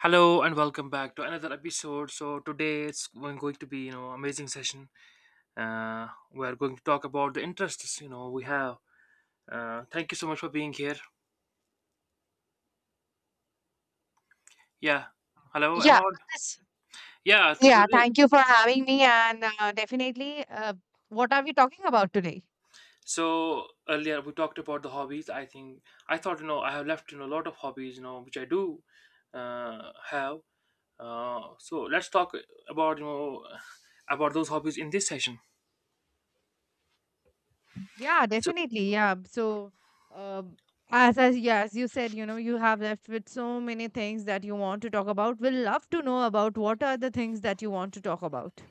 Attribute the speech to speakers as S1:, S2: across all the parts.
S1: Hello and welcome back to another episode. So today it's going to be amazing session. We are going to talk about the interests we have. Thank you so much for being here. Yeah. Hello, am
S2: Yeah,
S1: I on?
S2: but
S1: Yeah. t-
S2: yeah.
S1: earlier-
S2: Thank you for having me, and definitely. What are we talking about today?
S1: So earlier we talked about the hobbies. I thought I have left a lot of hobbies which I do have. So let's talk about you know about those hobbies in this session.
S2: Yeah,
S1: So,
S2: definitely. Yeah. So, um, as yeah, as you said, you know, you have left with so many things that you want to talk about. We'll love to know about what are the things that you want to talk about.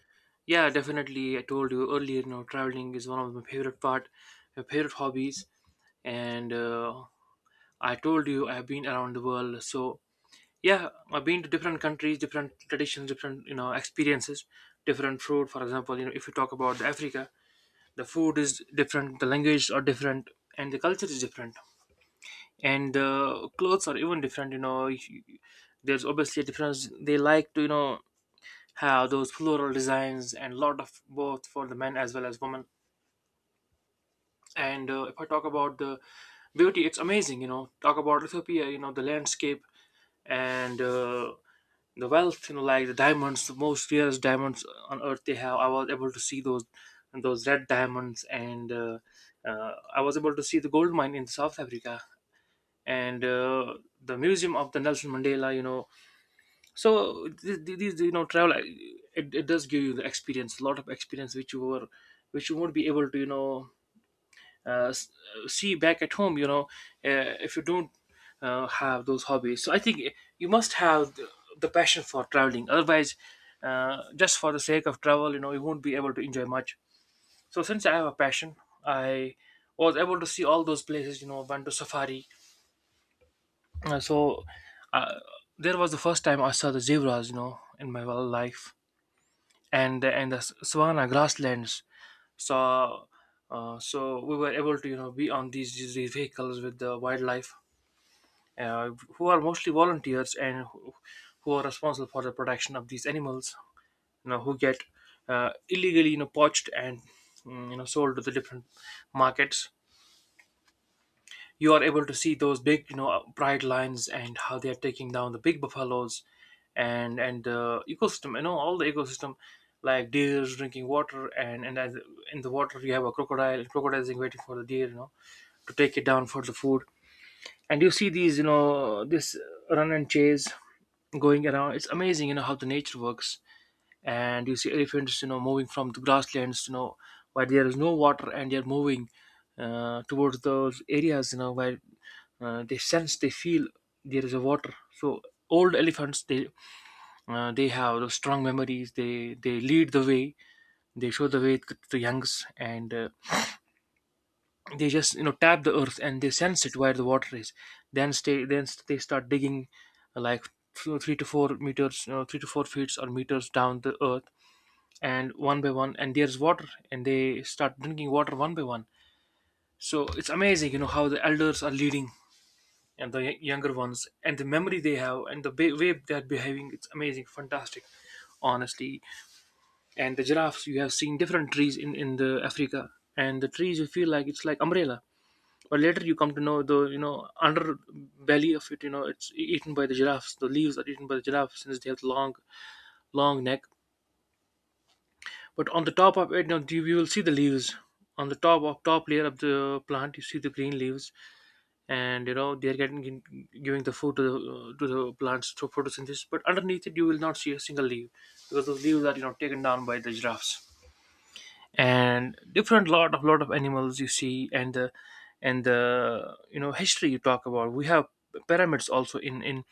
S1: yeah, definitely. I told you earlier, you know, traveling is one of my favorite part, my favorite hobbies. And I told you I have been around the world. So yeah, I've been to different countries, different traditions, different experiences, different food. For example, you know, if you talk about the Africa, the food is different, the language are different, and the culture is different, and the clothes are even different. There's obviously a difference. They like to have those floral designs and lot of both for the men as well as women and if I talk about the beauty, it's amazing. You know, talk about Ethiopia, you know, the landscape and the wealth, you know, like the diamonds, the most rarest diamonds on earth they have. I was able to see those red diamonds, and I was able to see the gold mine in South Africa and the museum of the Nelson Mandela, you know. So these travel, it does give you the experience, a lot of experience, which you were which you won't be able to, uh, see back at home, if you don't have those hobbies. So I think you must have the passion for traveling, otherwise, just for the sake of travel, you know, you won't be able to enjoy much. So since I have a passion, I was able to see all those places, you know, went to safari. uh, so uh, there was the first time I saw the zebras, you know, in my whole life. And the savanna grasslands. So uh, so we were able to, you know, be on these vehicles with the wildlife, uh, who are mostly volunteers, and who are responsible for the protection of these animals, you know, who get illegally, you know, poached and, you know, sold to the different markets. You are able to see those big, bright lines and how they are taking down the big buffaloes and the ecosystem, you know, all the ecosystem, like deers drinking water, and in the water you have a crocodile, crocodiles is waiting for the deer, you know, to take it down for the food. And you see these you know this run and chase going around. It's amazing, you know, how the nature works. And you see elephants, you know, moving from the grasslands, you know, where there is no water, and they're moving towards those areas, you know, where they sense, they feel there is a water. So old elephants, they, they have those strong memories. They lead the way, they show the way to the youngs, and they just, you know, tap the earth, and they sense it where the water is. Then they start digging, like 3 to 4 meters, you know, 3 to 4 feet or meters down the earth. And one by one, and there's water, and they start drinking water one by one. So it's amazing, you know, how the elders are leading, and the younger ones, and the memory they have, and the way they're behaving. It's amazing, fantastic, honestly. And the giraffes. You have seen different trees in the Africa, and the trees, you feel like it's like umbrella, but later you come to know the, you know, underbelly of it. You know, it's eaten by the giraffes. The leaves are eaten by the giraffes, since they have the long neck. But on the top of it, you know, you will see the leaves on the top layer of the plant. You see the green leaves, and you know they are getting giving the food to the plants through photosynthesis. But underneath it, you will not see a single leaf, because those leaves are, you know, taken down by the giraffes. And different, lot of animals you see. And the, and the, you know, history you talk about, we have pyramids also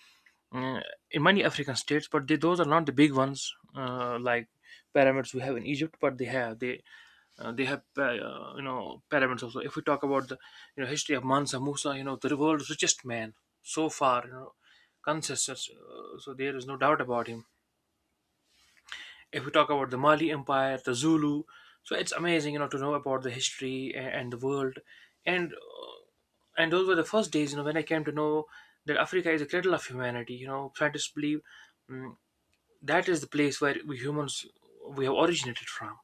S1: uh, in many African states, but those are not the big ones, like pyramids we have in Egypt, but they have you know, pyramids also. If we talk about the, you know, history of Mansa Musa, you know, the world's richest man so far, you know, consensus, so there is no doubt about him. If we talk about the Mali Empire, the Zulu, so it's amazing, you know, to know about the history and the world, and uh, and those were the first days, you know, when I came to know that Africa is a cradle of humanity. You know, scientists believe, mm, that is the place where we humans we have originated from.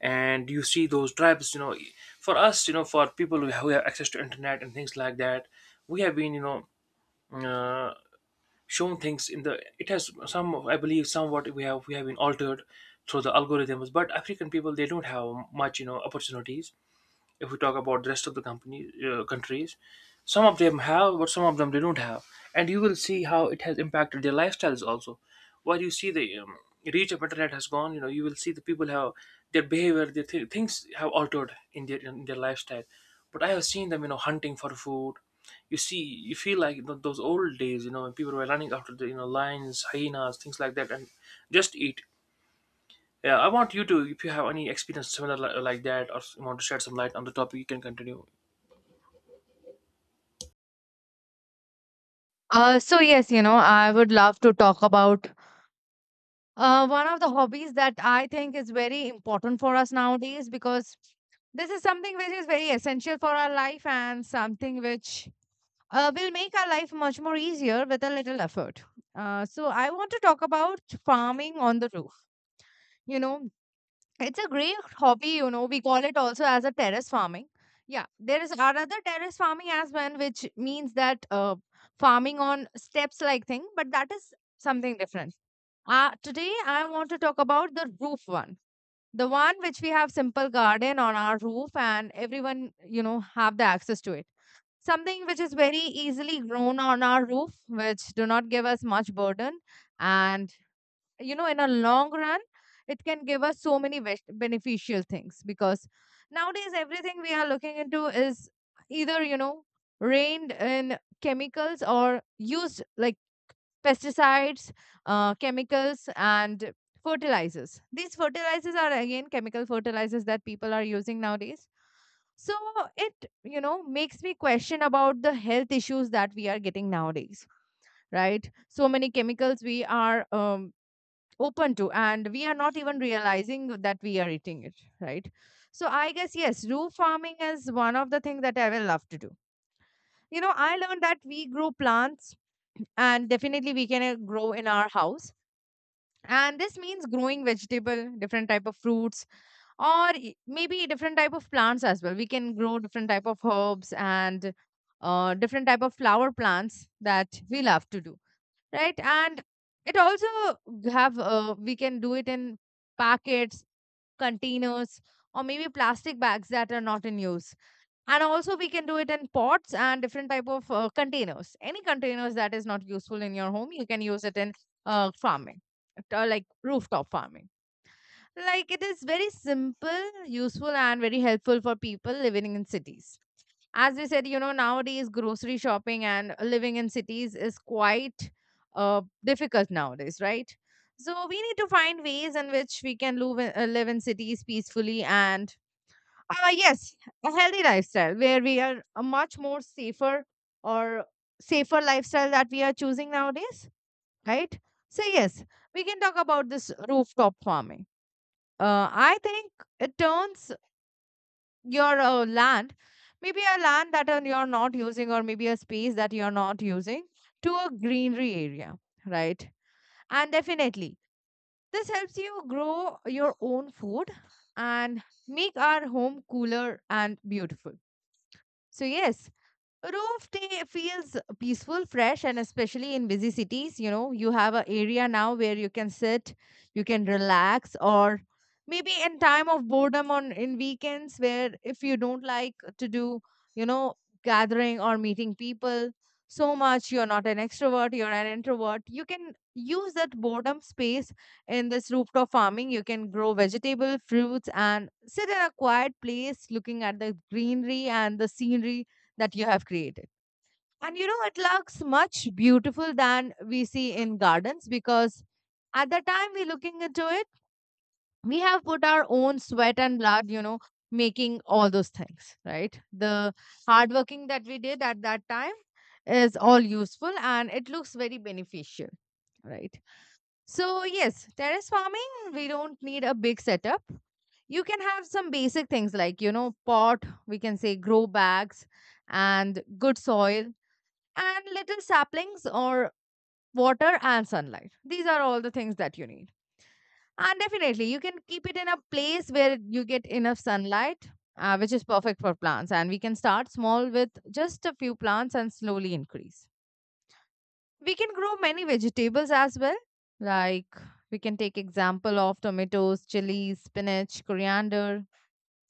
S1: And you see those tribes, you know, for us, you know, for people who have access to internet and things like that, we have been, uh, shown things in the, it has some, I believe, somewhat we have been altered through the algorithms. But African people, they don't have much, you know, opportunities. If we talk about the rest of the company countries, some of them have, but some of them they don't have. And you will see how it has impacted their lifestyles also. While you see the, reach of internet has gone, you know, you will see the people have their behavior, their things have altered in their lifestyle. But I have seen them, you know, hunting for food. You see, you feel like those old days, you know, when people were running after the, you know, lions, hyenas, things like that, and just eat. Yeah, I want you to, if you have any experience similar like that, or want to shed some light on the topic, you can continue.
S2: So yes, you know, I would love to talk about one of the hobbies that I think is very important for us nowadays, because this is something which is very essential for our life and something which will make our life much more easier with a little effort. So, I want to talk about farming on the roof. You know, it's a great hobby, you know, we call it also as a terrace farming. Yeah, there is another terrace farming as well, which means that farming on steps like thing, but that is something different. Today, I want to talk about the roof one. The one which we have simple garden on our roof and everyone, you know, have the access to it, something which is very easily grown on our roof, which do not give us much burden, and you know, in a long run, it can give us so many beneficial things, because nowadays everything we are looking into is either you know rained in chemicals or used like pesticides, chemicals, and fertilizers. These fertilizers are again chemical fertilizers that people are using nowadays. So it, you know, makes me question about the health issues that we are getting nowadays, right? So many chemicals we are open to, and we are not even realizing that we are eating it, right? So I guess, yes, roof farming is one of the things that I will love to do. You know, I learned that we grow plants, and definitely we can grow in our house. And this means growing vegetable, different type of fruits, or maybe different type of plants as well. We can grow different type of herbs and different type of flower plants that we love to do, right? And it also have we can do it in packets, containers, or maybe plastic bags that are not in use, and also we can do it in pots and different type of containers. Any containers that is not useful in your home you can use it in farming, like rooftop farming. Like it is very simple, useful, and very helpful for people living in cities. As we said, you know, nowadays grocery shopping and living in cities is quite difficult nowadays, right? So we need to find ways in which we can live in, live in cities peacefully, and yes, a healthy lifestyle where we are a much more safer or safer lifestyle that we are choosing nowadays, right? So yes, we can talk about this rooftop farming. I think it turns your land, maybe a land that you're not using, or maybe a space that you're not using, to a greenery area, right? And definitely, this helps you grow your own food and make our home cooler and beautiful. So, yes, roof day feels peaceful, fresh, and especially in busy cities, you know, you have an area now where you can sit, you can relax, or maybe in time of boredom on in weekends where if you don't like to do, you know, gathering or meeting people so much, you're not an extrovert, you're an introvert, you can use that boredom space in this rooftop farming. You can grow vegetable, fruits, and sit in a quiet place looking at the greenery and the scenery that you have created. And you know, it looks much beautiful than we see in gardens, because at the time we're looking into it, we have put our own sweat and blood, you know, making all those things, right? The hard working that we did at that time is all useful, and it looks very beneficial, right? So, yes, terrace farming, we don't need a big setup. You can have some basic things like, you know, pot, we can say grow bags, and good soil, and little saplings, or water and sunlight. These are all the things that you need. And definitely, you can keep it in a place where you get enough sunlight, which is perfect for plants. And we can start small with just a few plants and slowly increase. We can grow many vegetables as well. Like we can take example of tomatoes, chilies, spinach, coriander.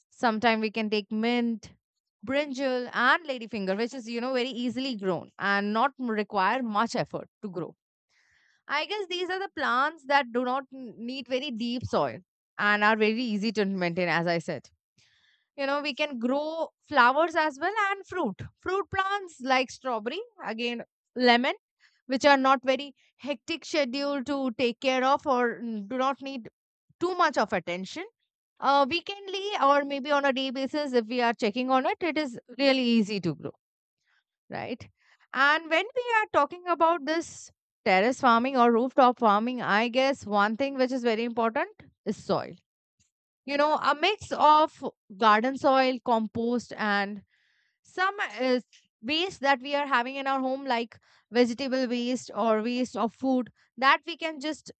S2: Sometime we can take mint, brinjal, and ladyfinger, which is you know very easily grown and not require much effort to grow. I guess these are the plants that do not need very deep soil, and are very easy to maintain, as I said. You know, we can grow flowers as well and fruit. Fruit plants like strawberry, again, lemon, which are not very hectic schedule to take care of, or mm, do not need too much of attention. Weekendly or maybe on a day basis, if we are checking on it, it is really easy to grow, right? And when we are talking about this terrace farming or rooftop farming, I guess one thing which is very important is soil. You know, a mix of garden soil, compost, and some waste that we are having in our home, like vegetable waste or waste of food, that we can just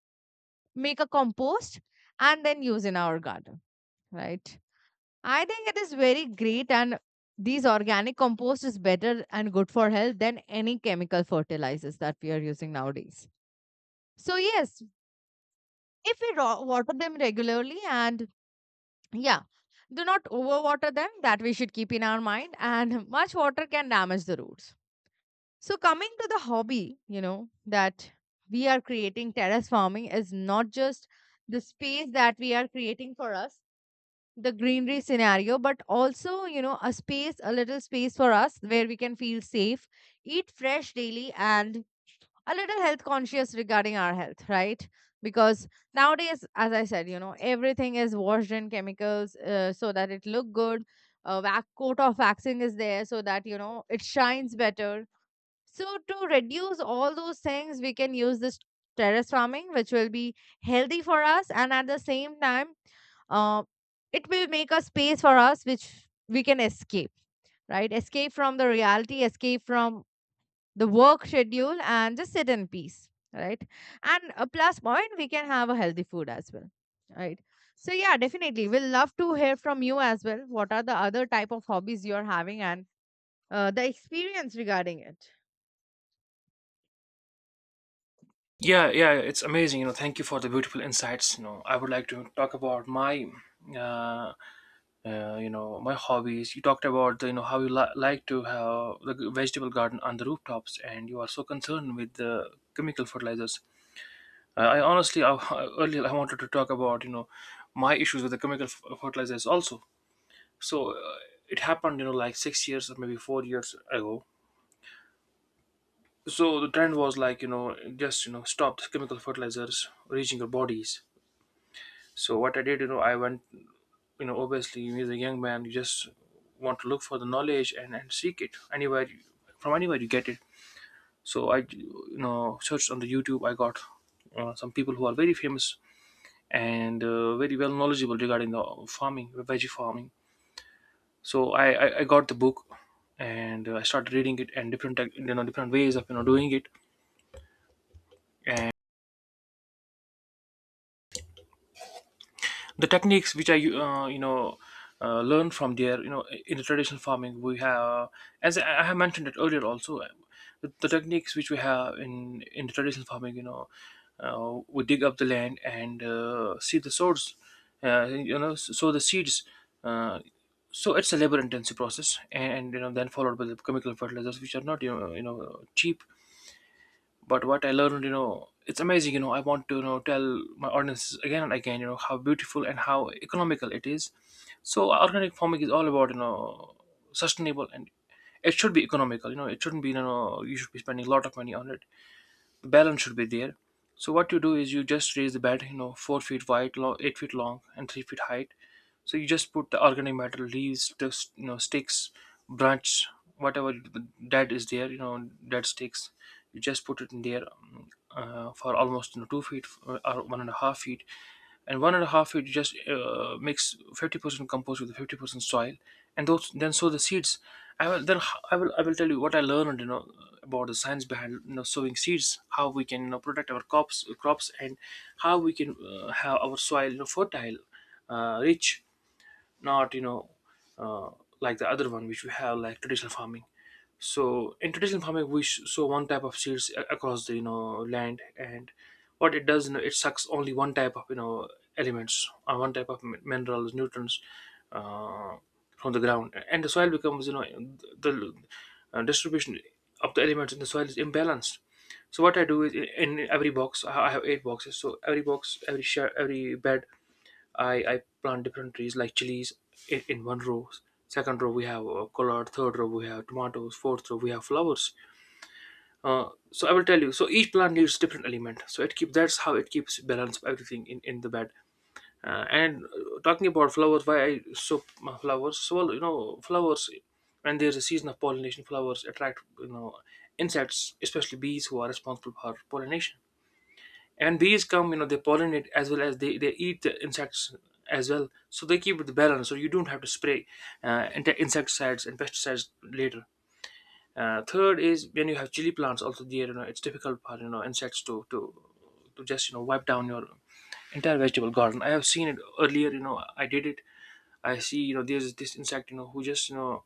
S2: make a compost and then use in our garden, right? I think it is very great, and these organic compost is better and good for health than any chemical fertilizers that we are using nowadays. So, yes, if we water them regularly, and yeah, do not overwater them, that we should keep in our mind, and much water can damage the roots. So, coming to the hobby, you know, that we are creating terrace farming, is not just the space that we are creating for us, the greenery scenario, but also, you know, a space, a little space for us where we can feel safe, eat fresh daily, and a little health conscious regarding our health, right? Because nowadays, as I said, you know, everything is washed in chemicals, so that it look good. A coat of waxing is there so that, you know, it shines better. So to reduce all those things, we can use this terrace farming, which will be healthy for us, and at the same time, uh, it will make a space for us which we can escape, right? Escape from the reality, escape from the work schedule, and just sit in peace, right? And a plus point, we can have a healthy food as well, right? So yeah, definitely, we'll love to hear from you as well. What are the other type of hobbies you're having, and the experience regarding it.
S1: Yeah, yeah, it's amazing. You know, thank you for the beautiful insights. You know, I would like to talk about my, uh, you know, my hobbies. You talked about you know, how you like to have the vegetable garden on the rooftops, and you are so concerned with the chemical fertilizers. I honestly, I, earlier I wanted to talk about, you know, my issues with the chemical fertilizers also. So it happened, you know, like 6 years or maybe 4 years ago. So the trend was like, you know, just, you know, stop the chemical fertilizers reaching your bodies. So what I did, you know, I went, you know, obviously, as a young man, you just want to look for the knowledge, and seek it from anywhere you get it. So I, you know, searched on the YouTube. I got, some people who are very famous, and very well knowledgeable regarding the farming veggie farming. So I got the book, and I started reading it. And different you know, different ways of, you know, doing it, the techniques which I, learned from there. You know, in the traditional farming we have, as I have mentioned it earlier also, the techniques which we have in the traditional farming, you know, we dig up the land, and see the source, you know, sow the seeds. Uh, so it's a labor intensive process, and, you know, then followed by the chemical fertilizers, which are not, you know, you know, cheap. But what I learned, you know, it's amazing. You know, I want to, you know, tell my audiences again and again, you know, how beautiful and how economical it is. So organic farming is all about, you know, sustainable, and it should be economical. You know, it shouldn't be, you know, you should be spending a lot of money on it. Balance should be there. So what you do is you just raise the bed, you know, 4 feet wide, long, 8 feet long, and 3 feet height. So you just put the organic matter, leaves, just, you know, sticks, branches, whatever that is there, you know, dead sticks. You just put it in there for almost 2 feet or 1.5 feet, and one and a half you just mix 50% compost with 50% soil, and those then sow the seeds. I will then I will i will tell you what I learned. About the science behind sowing seeds, how we can protect our crops, and how we can have our soil fertile, rich, not uh, like the other one which we have, like traditional farming. So in traditional farming we sow one type of seeds across the land, and what it does, it sucks only one type of elements, or one type of minerals, nutrients uh, from the ground, and the soil becomes— the distribution of the elements in the soil is imbalanced. So what I do is in every box I have eight boxes. So every box, every share, every bed, I plant different trees, like chilies, in one row. Second row we have collard. Third row we have tomatoes. Fourth row we have flowers. So I will tell you. So each plant needs different element. So it keeps— that's how it keeps balance of everything in the bed. And talking about flowers, why I so my flowers? So well, flowers, when there's a season of pollination, flowers attract insects, especially bees, who are responsible for pollination. And bees come, they pollinate, as well as they eat the insects as well, so they keep the balance, so you don't have to spray insecticides and pesticides later. Third is, when you have chili plants also, there it's difficult for insects to just wipe down your entire vegetable garden. I have seen it earlier, I did it. I see there's this insect who just you know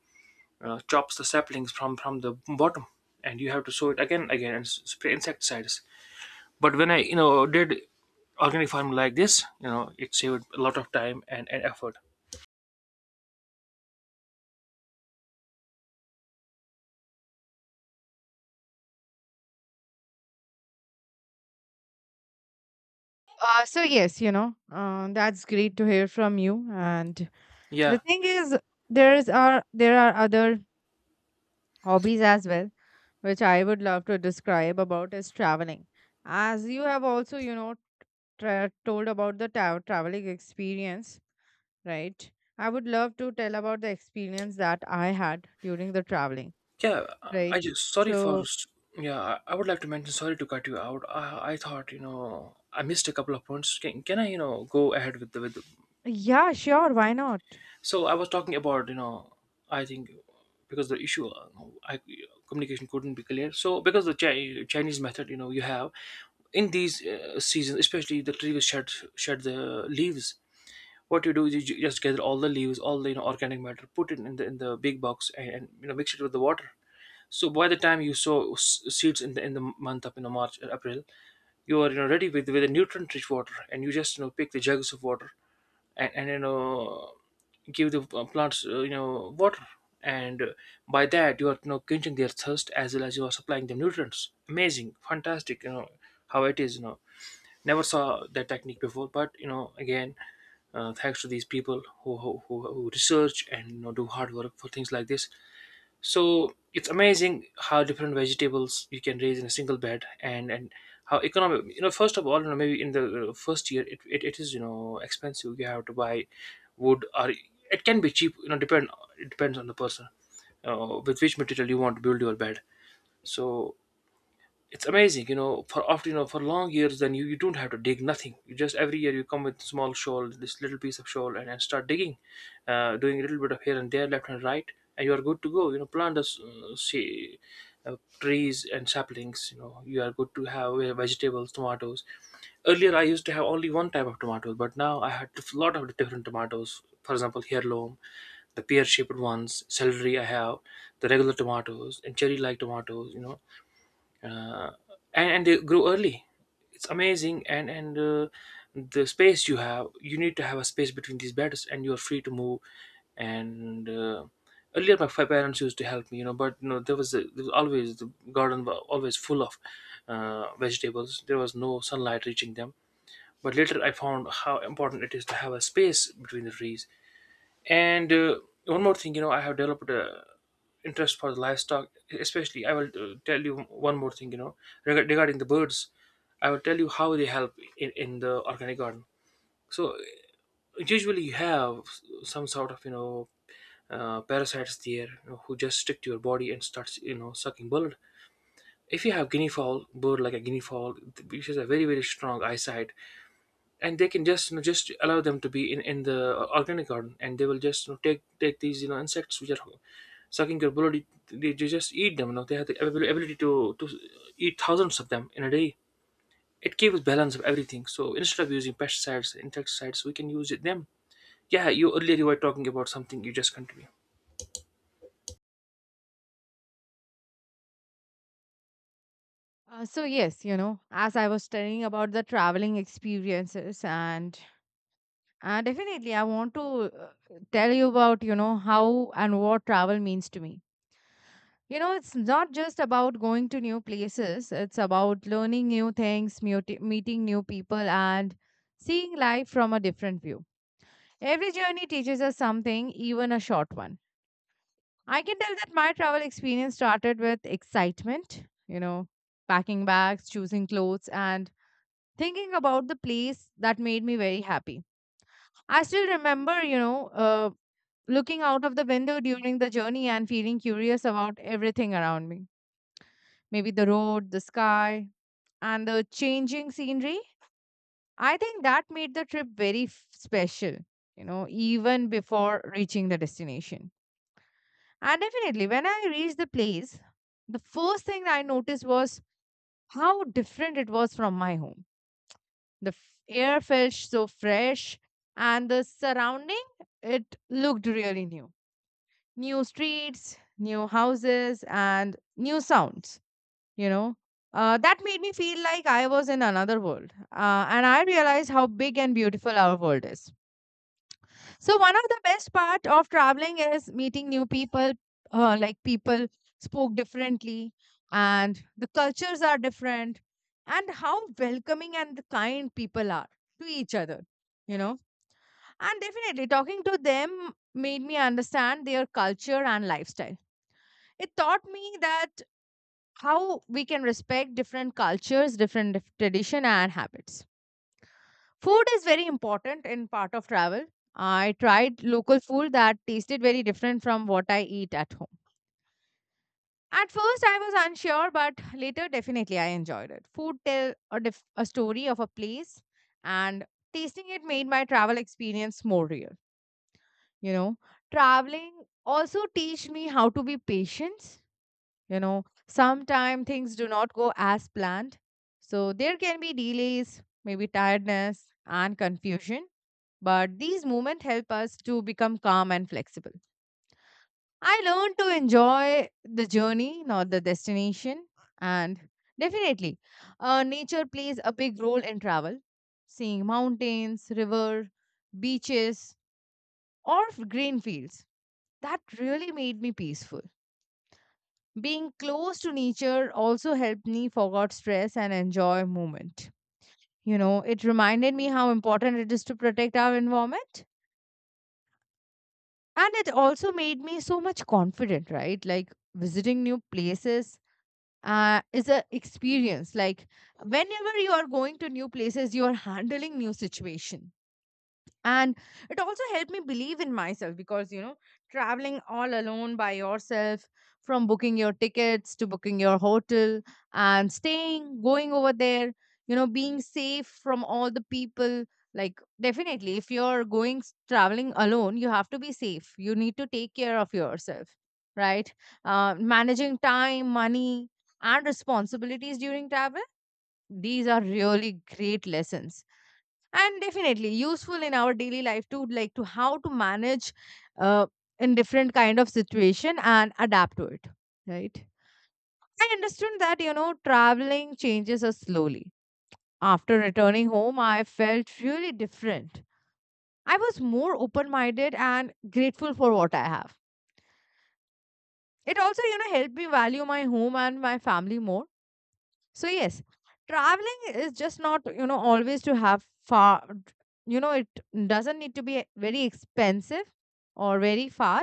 S1: uh, chops the saplings from the bottom, and you have to sow it again, and spray insecticides. But when I did organic farming like this, it saved a lot of time and effort.
S2: So yes, you know, that's great to hear from you. And the
S1: Yeah,
S2: thing is, there are other hobbies as well which I would love to describe about is traveling. As you have also, you know, told about the traveling experience, right? I would love to tell about the experience that I had during the traveling,
S1: yeah, I
S2: right?
S1: just, sorry for—
S2: So,
S1: yeah, I would like to mention, sorry to cut you out, I— I thought, I missed a couple of points. Can I go ahead with the— with the—
S2: yeah, sure, why not?
S1: so I was talking about, I think, because the issue, I— communication couldn't be clear. So because the Chinese method, you have in these seasons, especially, the trees shed— the leaves. What you do is, you just gather all the leaves, all the organic matter, put it in the big box, and mix it with the water. So by the time you sow seeds in the month, up in the March or April, you are ready with a nutrient rich water, and you just pick the jugs of water, and give the plants, water. And by that, you are quenching their thirst, as well as you are supplying them nutrients. Amazing, fantastic. You know how it is. Never saw that technique before, but again, thanks to these people who research and do hard work for things like this. So it's amazing how different vegetables you can raise in a single bed, and how economic. You know, first of all, maybe in the first year, it is expensive. You have to buy wood, or it can be cheap. You know, depend— it depends on the person, with which material you want to build your bed. So it's amazing, for— after, for long years, then you don't have to dig nothing. You just, every year, you come with small shoal, this little piece of shoal, and start digging, doing a little bit of here and there, left and right, and you are good to go, plant us, say, trees and saplings. You know, you are good to have vegetables, tomatoes. Earlier I used to have only one type of tomatoes, but now I had a lot of different tomatoes, for example, heirloom, the pear shaped ones, celery I have, the regular tomatoes, and cherry like tomatoes, uh, and they grow early. It's amazing. And the space you have— you need to have a space between these beds, and you're free to move, and earlier my parents used to help me, but there was, a, there was always— the garden was always full of vegetables, there was no sunlight reaching them. But later I found how important it is to have a space between the trees. And one more thing, you know, I have developed a interest for the livestock. Especially, I will tell you one more thing, you know, regarding the birds. I will tell you how they help in the organic garden. So usually you have some sort of parasites there, you know, who just stick to your body, and starts sucking blood. If you have guinea fowl bird, like a guinea fowl, which has a very very strong eyesight, and they can just just allow them to be in the organic garden, and they will just take these insects which are sucking your blood. They just eat them, they have the ability to eat thousands of them in a day. It keeps balance of everything, so instead of using pesticides, insecticides, we can use it them. Yeah, you earlier— you were talking about something, you just continue.
S2: So yes, you know, as I was telling about the traveling experiences, and definitely I want to tell you about, you know, how and what travel means to me. You know, it's not just about going to new places, it's about learning new things, meeting new people, and seeing life from a different view. Every journey teaches us something, even a short one. I can tell that my travel experience started with excitement, you know, packing bags, choosing clothes, and thinking about the place that made me very happy. I still remember, you know, looking out of the window during the journey and feeling curious about everything around me. Maybe the road, the sky, and the changing scenery. I think that made the trip very special, you know, even before reaching the destination. And definitely, when I reached the place, the first thing I noticed was how different it was from my home. The air felt so fresh, and the surrounding, it looked really new. New streets, new houses, and new sounds, you know, that made me feel like I was in another world, and I realized how big and beautiful our world is. So one of the best part of traveling is meeting new people. Like people spoke differently, and the cultures are different, and how welcoming and kind people are to each other, you know. And definitely talking to them made me understand their culture and lifestyle. It taught me that how we can respect different cultures, different tradition and habits. Food is very important in part of travel. I tried local food that tasted very different from what I eat at home. At first I was unsure, but later definitely I enjoyed it. Food tell a, a story of a place, and tasting it made my travel experience more real, you know. Traveling also teach me how to be patient, you know. Sometimes things do not go as planned, so there can be delays, maybe tiredness and confusion, but these moments help us to become calm and flexible. I learned to enjoy the journey, not the destination. And definitely, nature plays a big role in travel. Seeing mountains, river, beaches, or green fields, that really made me peaceful. Being close to nature also helped me forget stress and enjoy moment, you know. It reminded me how important it is to protect our environment. And it also made me so much confident, right? Like visiting new places, is a experience. Like whenever you are going to new places, you are handling new situation, and it also helped me believe in myself, because you know, traveling all alone by yourself, from booking your tickets to booking your hotel, and staying, going over there, you know, being safe from all the people. Like definitely if you're going traveling alone, you have to be safe, you need to take care of yourself, right? Managing time, money, and responsibilities during travel, these are really great lessons, and definitely useful in our daily life too, like to how to manage uh, in different kind of situation and adapt to it, right? I understood that you know traveling changes us slowly. After returning home I felt really different. I was more open minded and grateful for what I have. It also, you know, helped me value my home and my family more. So yes, traveling is just not, you know, always to have far, you know, it doesn't need to be very expensive or very far.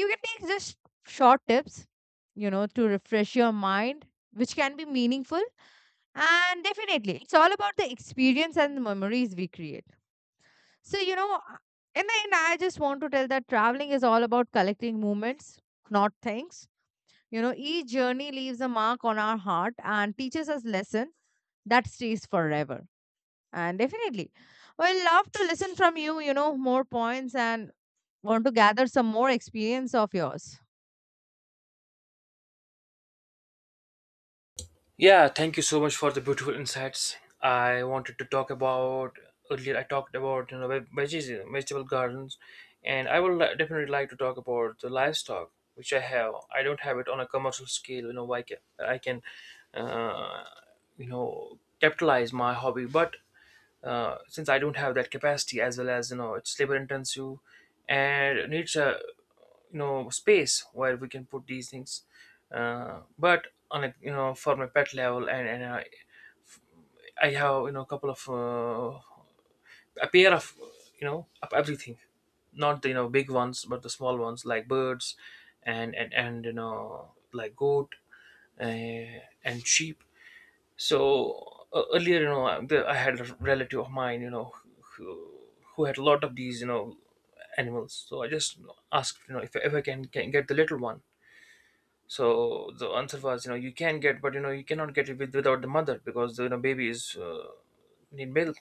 S2: You can take just short tips, you know, to refresh your mind, which can be meaningful. And definitely, it's all about the experience and the memories we create. So, you know, in the end, I just want to tell that traveling is all about collecting moments, not things. You know, each journey leaves a mark on our heart and teaches us lessons that stays forever. And definitely, I love to listen from you, you know, more points and want to gather some more experience of yours.
S1: Yeah, thank you so much for the beautiful insights. I wanted to talk about earlier— I talked about, veggies, vegetable gardens, and I would definitely like to talk about the livestock which I have. I don't have it on a commercial scale. You know, why can I can uh, capitalize my hobby, but since I don't have that capacity, as well as it's labor intensive, and needs a space where we can put these things, but on a— for my pet level, and I have a couple of— a pair of, of everything. Not the big ones, but the small ones, like birds, and like goat and sheep. So earlier, I had a relative of mine, who, who had a lot of these animals. So I just asked, if I can get the little one. So the answer was, you know, you can get, but you know, you cannot get it without the mother, because the baby is, need milk.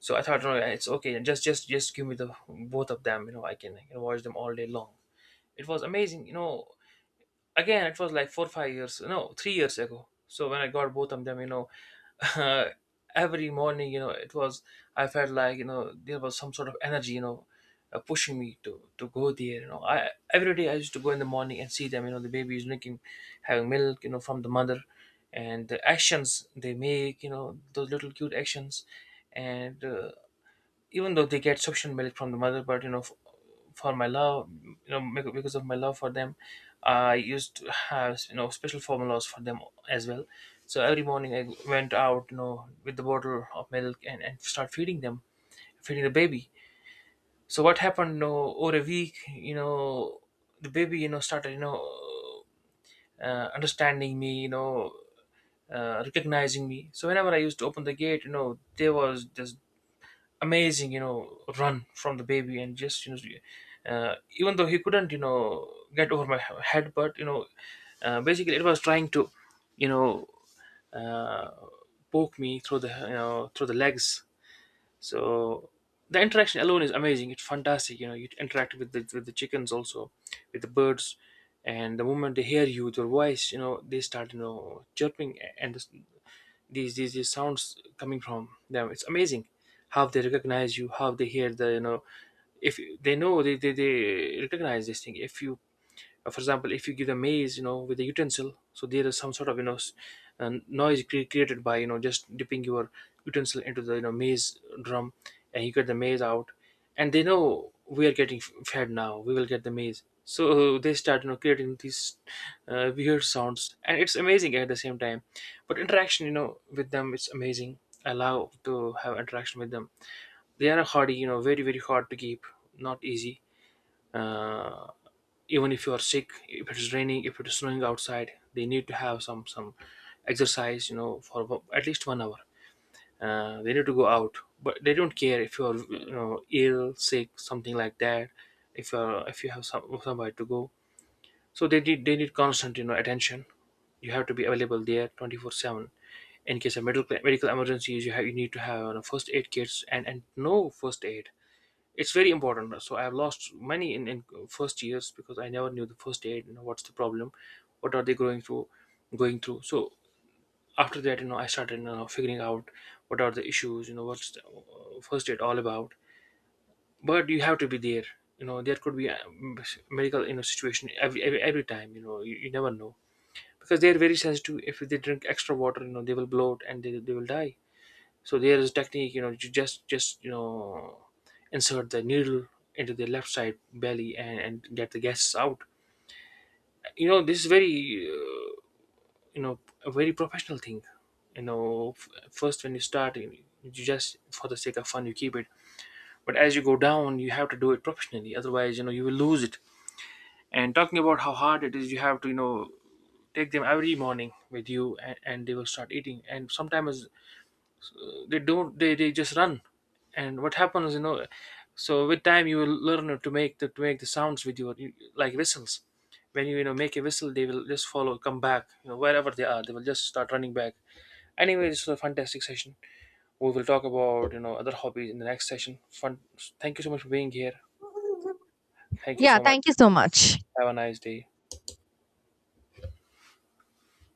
S1: So I thought, no, it's okay. and Just, just give me the both of them. You know, I can watch them all day long. It was amazing. You know, again it was like 4, 5 years, no, 3 years ago. So when I got both of them, every morning, it was— I felt like, there was some sort of energy, pushing me to go there. You know, I— every day I used to go in the morning and see them, the baby is drinking, having milk, from the mother, and the actions they make, those little cute actions. And Even though they get suction milk from the mother, but you know, for my love, you know, because of my love for them, I used to have special formulas for them as well. So every morning I went out, you know, with the bottle of milk, and start feeding them, feeding the baby. So what happened, you know, over a week, you know, the baby, you know, started, you know, understanding me, you know, recognizing me. So whenever I used to open the gate, you know, there was this amazing, you know, run from the baby, and just, you know, even though he couldn't, you know, get over my head, but, you know, basically, it was trying to, you know, uh, poke me through the, you know, through the legs. So the interaction alone is amazing. It's fantastic. You interact with the chickens also, with the birds. And the moment they hear you, with your voice, they start, chirping and these sounds coming from them. It's amazing how they recognize you, how they hear the if they know they recognize this thing if you for example, if you give the maize, with a utensil, so there is some sort of noise created by just dipping your utensil into the maize drum, and you get the maize out, and they know we are getting fed now. We will get the maize. So they start, creating these weird sounds, and it's amazing at the same time. But interaction with them, it's amazing. I love to have interaction with them. They are hardy, you know, very hard to keep, not easy. Uh, Even if you are sick, if it's raining, if it's snowing outside, they need to have some exercise, for at least 1 hour. They need to go out, but they don't care if you are, you know, ill, sick, something like that, if you are, if you have some, somewhere to go. So they need constant, you know, attention. You have to be available there 24/7 in case of medical emergencies. You have, you need to have, first aid kits and no first aid. It's very important. So I have lost money in first years because I never knew the first aid, you know, what's the problem, what are they going through so after that, I started, figuring out what are the issues, you know, what's the first aid all about. But you have to be there. You know, there could be a medical, you know, situation every time. You know, you never know, because they're very sensitive. If they drink extra water, they will bloat and they will die. So there is technique, you know, you just insert the needle into the left side belly and get the gases out. You know, this is very you know a very professional thing. You know, first when you start, you just for the sake of fun you keep it, but as you go down, you have to do it professionally. Otherwise, you know, you will lose it. And talking about how hard it is, you have to, you know, take them every morning with you, and they will start eating, and sometimes they don't they just run. And what happens, you know? So with time you will learn to make the sounds with your like whistles. When you, you know, make a whistle, they will just follow, come back. You know, wherever they are, they will just start running back. Anyway, this was a fantastic session. We will talk about, other hobbies in the next session. Fun. Thank you so much for being here. Thank you
S2: Yeah,
S1: so much.
S2: thank you so much.
S1: Have a nice day.